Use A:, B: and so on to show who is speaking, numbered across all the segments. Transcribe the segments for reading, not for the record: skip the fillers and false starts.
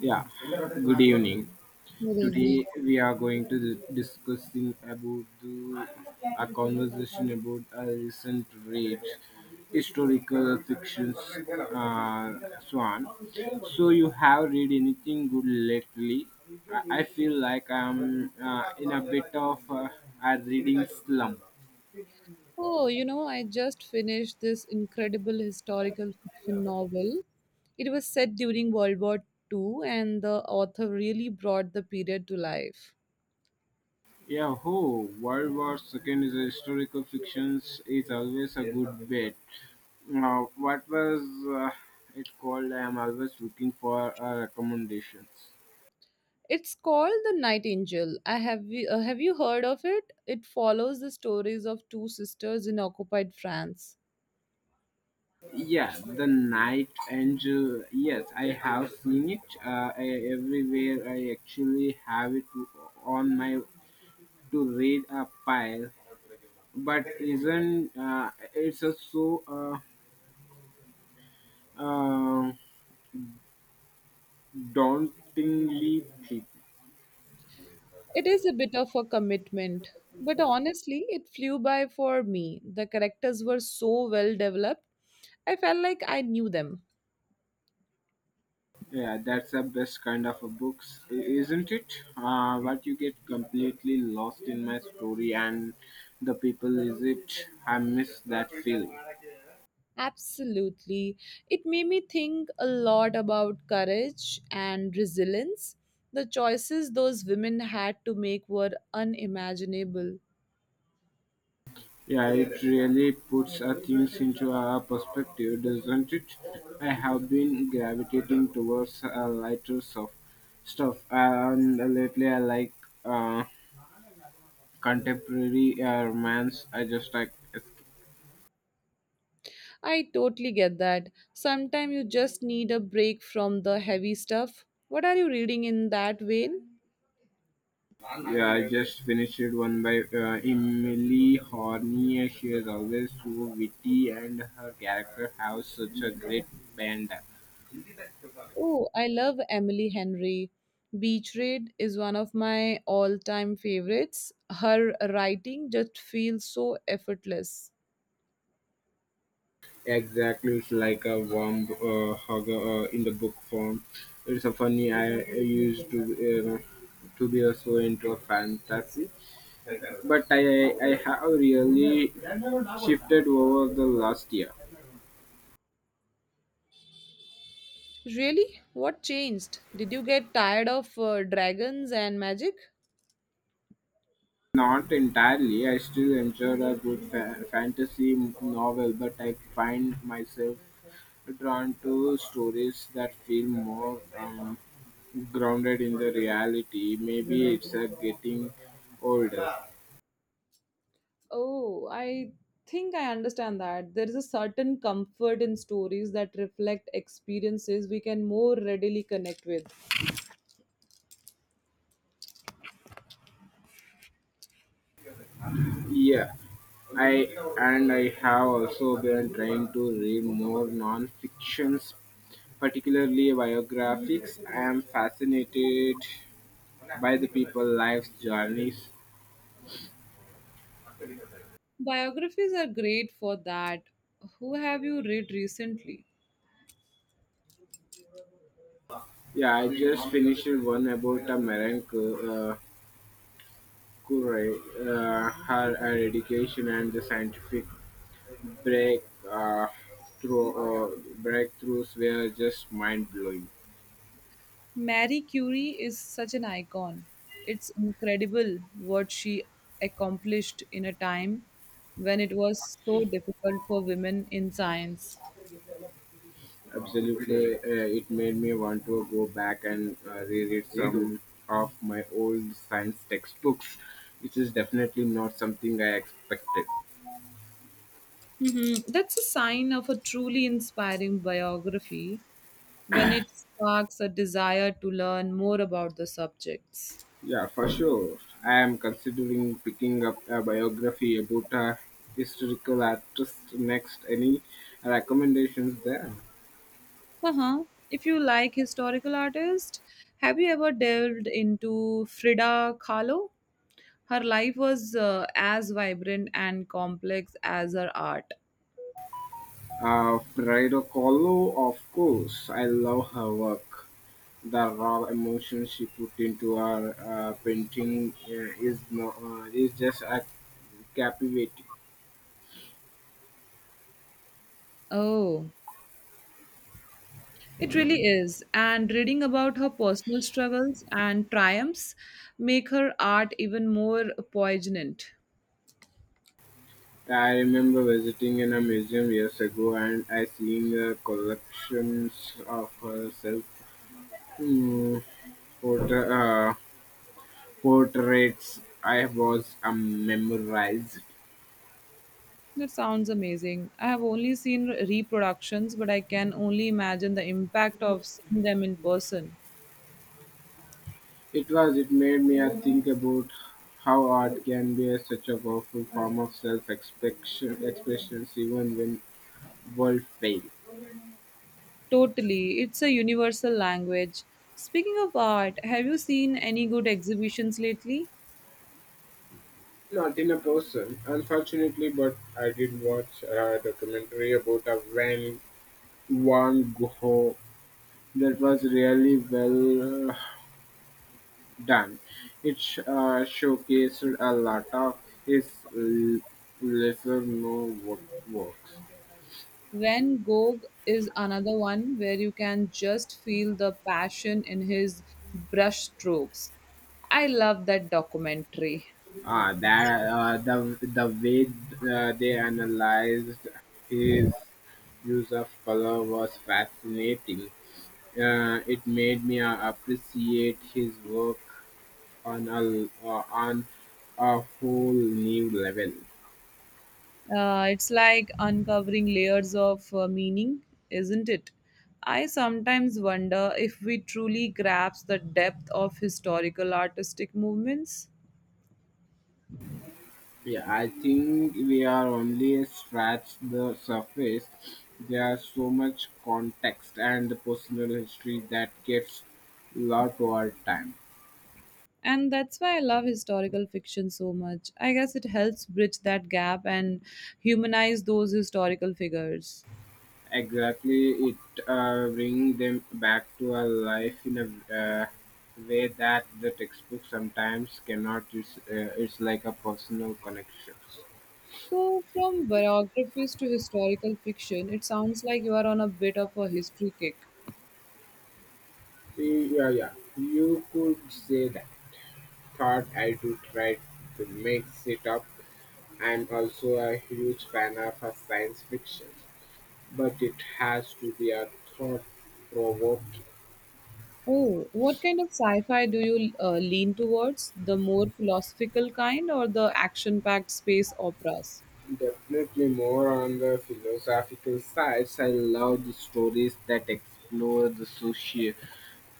A: Yeah, good evening.
B: Good evening.
A: Today we are going to discussing about a conversation about a recent read historical fictions. Uh, Swan, so you have read anything good lately? I feel like I'm in a bit of a reading slump.
B: Oh, you know, I just finished this incredible historical fiction novel. It was set during World War II, and the author really brought the period to life.
A: Yahoo! World War Second is a historical fiction is always a good bet. Now, what was uh, it called? I am always looking for recommendations.
B: It's called The Night Angel. Have you heard of it? It follows the stories of two sisters in occupied France.
A: Yeah, The Night Angel. Yes, I have seen it. Everywhere I actually have it on my to read a pile, but isn't it's a so uh, uh, dauntingly thick.
B: It is a bit of a commitment, but honestly, it flew by for me. The characters were so well developed, I felt like I knew them.
A: Yeah, that's the best kind of a books, isn't it? But you get completely lost in my story and the people is it. I miss that feeling.
B: Absolutely. It made me think a lot about courage and resilience. The choices those women had to make were unimaginable.
A: Yeah, it really puts things into a perspective, doesn't it? I have been gravitating towards lighter stuff, and lately I like uh, contemporary romance. I just like.
B: I totally get that. Sometimes you just need a break from the heavy stuff. What are you reading in that vein?
A: Yeah, I just finished one by Emily Horney. She is always so witty, and her character has such a great bend.
B: Oh, I love Emily Henry. Beach Raid is one of my all time favorites. Her writing just feels so effortless.
A: Exactly, it's like a warm hug in the book form. It's a funny. I used to be so into fantasy, but I have really shifted over the last year.
B: Really? What changed? Did you get tired of dragons and magic?
A: Not entirely. I still enjoy a good fantasy novel, but I find myself drawn to stories that feel more grounded in the reality. Maybe it's getting older.
B: Oh, I think I understand that. There is a certain comfort in stories that reflect experiences we can more readily connect with.
A: Yeah, I and I have also been trying to read more non-fictions, particularly biographies. I am fascinated by the people's lives journeys.
B: Biographies are great for that. Who have you read recently?
A: Yeah, I just finished one about a marine curate, her eradication and the scientific break uh, breakthroughs were just mind blowing.
B: Marie Curie is such an icon. It's incredible what she accomplished in a time when it was so difficult for women in science.
A: Absolutely, it made me want to go back and reread some of my old science textbooks, which is definitely not something I expected.
B: Mhm. That's a sign of a truly inspiring biography when it sparks a desire to learn more about the subjects.
A: Yeah, for sure. I am considering picking up a biography about a historical artist next. Any recommendations there?
B: Uh-huh. If you like historical artists, have you ever delved into Frida Kahlo? Her life was as vibrant and complex as her art.
A: Frida Kahlo, of course. I love her work. The raw emotion she put into her painting is no, is just a captivating.
B: Oh, it really is. And reading about her personal struggles and triumphs make her art even more poignant.
A: I remember visiting in a museum years ago and I seen the collections of her mm, photo, portraits I was memorized.
B: That sounds amazing. I have only seen reproductions, but I can only imagine the impact of seeing them in person.
A: It was it made me think about how art can be a, such a powerful form of self expression expressions even when world fails.
B: Totally. It's a universal language. Speaking of art, have you seen any good exhibitions lately?
A: Not in a person, unfortunately, but I did watch a documentary about a Van Gogh that was really well done. It showcased a lot of his l- lesser known works.
B: Van Gogh is another one where you can just feel the passion in his brush strokes. I love that documentary.
A: Ah, that the way they analyzed his use of color was fascinating. It made me appreciate his work on a on a whole new level.
B: It's like uncovering layers of meaning, isn't it? I sometimes wonder if we truly grasp the depth of historical artistic movements.
A: Yeah, I think we are only scratched the surface. There's so much context and personal history that gets lost over time.
B: And that's why I love historical fiction so much. I guess it helps bridge that gap and humanize those historical figures.
A: Exactly, it brings them back to a life in a way that the textbook sometimes cannot. It's like a personal connection.
B: So, from biographies to historical fiction, it sounds like you are on a bit of a history kick.
A: Yeah, yeah, you could say that. Thought I do try to mix it up. I'm also a huge fan of science fiction, but it has to be a thought provoking.
B: Oh, what kind of sci-fi do you lean towards? The more philosophical kind or the action-packed space operas?
A: Definitely more on the philosophical sides. I love the stories that explore the social,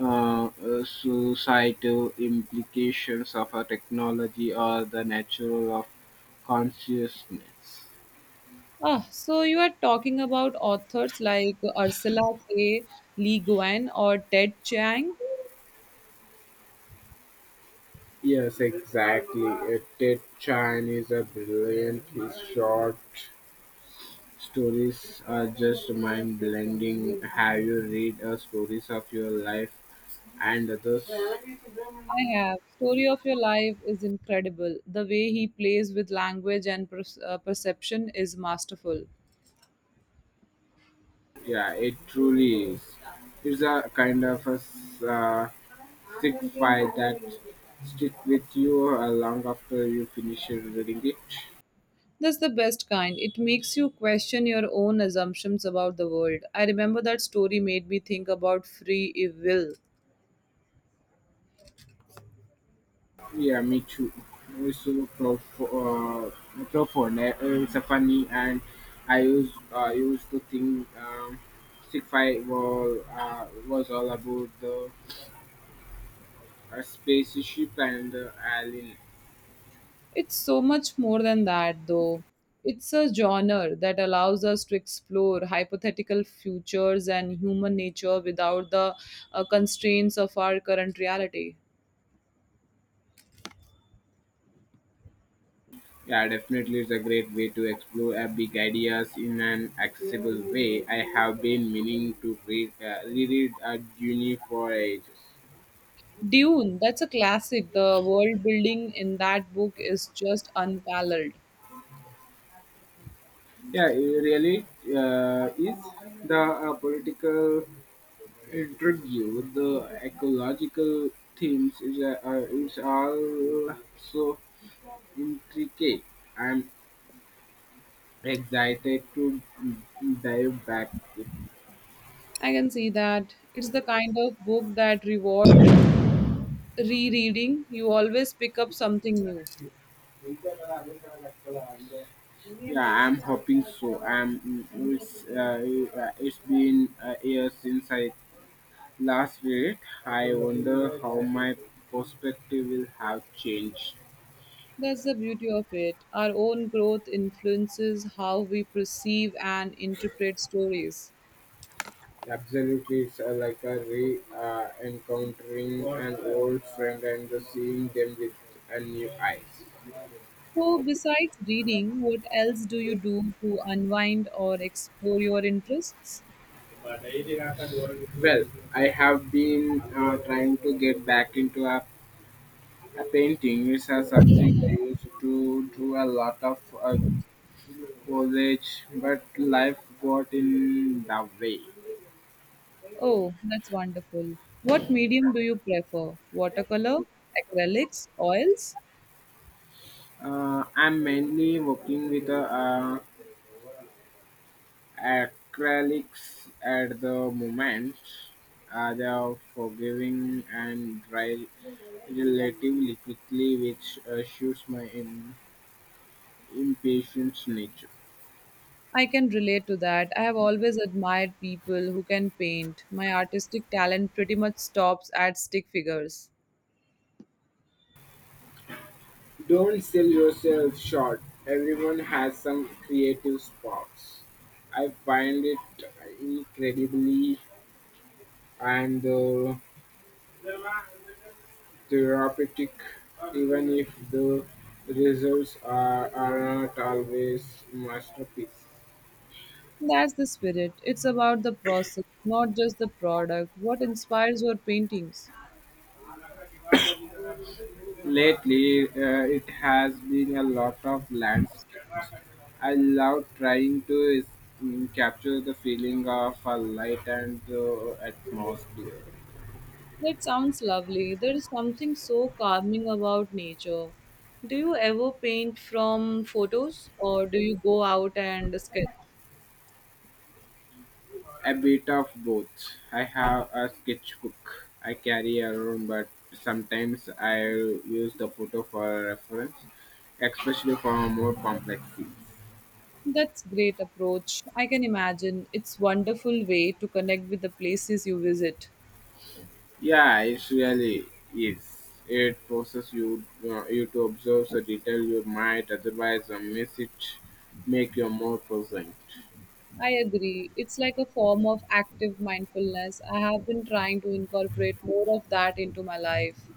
A: societal implications of a technology or the natural of consciousness.
B: Ah, so you are talking about authors like Ursula K. Le Guin or Ted Chiang?
A: Yes, exactly. Ted Chan is a brilliant. His short stories are just mind-blending. Have you read stories of your life and others?
B: I have. Story of Your Life is incredible. The way he plays with language and perception is masterful.
A: Yeah, it truly is. It's a kind of a sick file that stick with you long after you finish reading it.
B: That's the best kind. It makes you question your own assumptions about the world. I remember that story made me think about free will.
A: Yeah, me too. It's so profound. It's a funny, and I used to think sick file was all about the spaceship and alien.
B: It's so much more than that, though. It's a genre that allows us to explore hypothetical futures and human nature without the constraints of our current reality.
A: Yeah, definitely, it's a great way to explore big ideas in an accessible way. I have been meaning to reread Dune for ages.
B: Dune, that's a classic. The world building in that book is just unparalleled.
A: Yeah, it really is the political intrigue, the ecological themes is it's all so intricate. I'm excited to dive back.
B: I can see that. It's the kind of book that rewards rereading. You always pick up something new.
A: Yeah, I'm hoping so. It's been a year since I last read it. I wonder how my perspective will have changed.
B: That's the beauty of it. Our own growth influences how we perceive and interpret stories.
A: Absolutely, it's like a re encountering an old friend and the seeing them with a new eyes.
B: So, besides reading, what else do you do to unwind or explore your interests?
A: Well, I have been trying to get back into a painting. It's something I used to do a lot of college, but life got in the way.
B: Oh, that's wonderful. What medium do you prefer? Watercolor, acrylics, oils?
A: I'm mainly working with acrylics at the moment. They are forgiving and dry relatively quickly, which assures my impatience nature.
B: I can relate to that. I have always admired people who can paint. My artistic talent pretty much stops at stick figures.
A: Don't sell yourself short. Everyone has some creative sparks. I find it incredibly and therapeutic, even if the results aren't always masterpiece.
B: That's the spirit. It's about the process, not just the product. What inspires your paintings?
A: Lately, it has been a lot of landscapes. I love trying to capture the feeling of a light and the atmosphere.
B: That sounds lovely. There is something so calming about nature. Do you ever paint from photos or do you go out and sketch?
A: A bit of both. I have a sketchbook I carry around, but sometimes I use the photo for reference, especially for more complex things.
B: That's great approach. I can imagine. It's wonderful way to connect with the places you visit.
A: Yeah, it really is. It forces you to observe the detail you might otherwise miss it, make you more present.
B: I agree. It's like a form of active mindfulness. I have been trying to incorporate more of that into my life.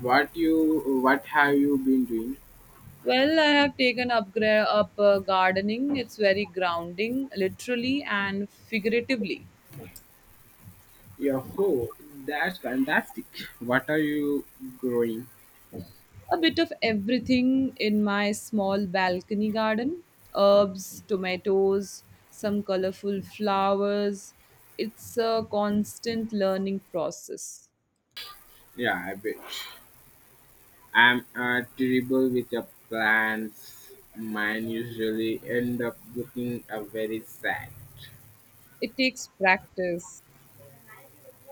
A: What you what have you been doing?
B: Well, I have taken up gardening. It's very grounding, literally and figuratively.
A: Yeah, oh, that's fantastic. What are you growing?
B: A bit of everything in my small balcony garden: herbs, tomatoes, some colorful flowers. It's a constant learning process.
A: Yeah, I bet. I'm terrible with the plants. Mine usually end up looking very sad.
B: It takes practice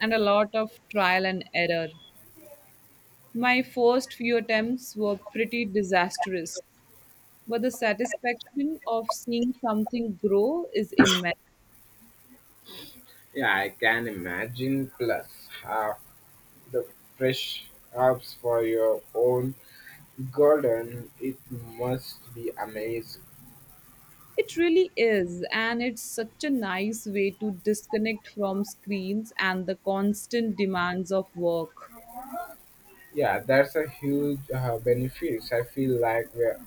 B: and a lot of trial and error. My first few attempts were pretty disastrous, but the satisfaction of seeing something grow is immense.
A: Yeah, I can imagine. Plus, half the fresh herbs for your own garden, it must be amazing.
B: It really is, and it's such a nice way to disconnect from screens and the constant demands of work.
A: Yeah, that's a huge benefit. I feel like we're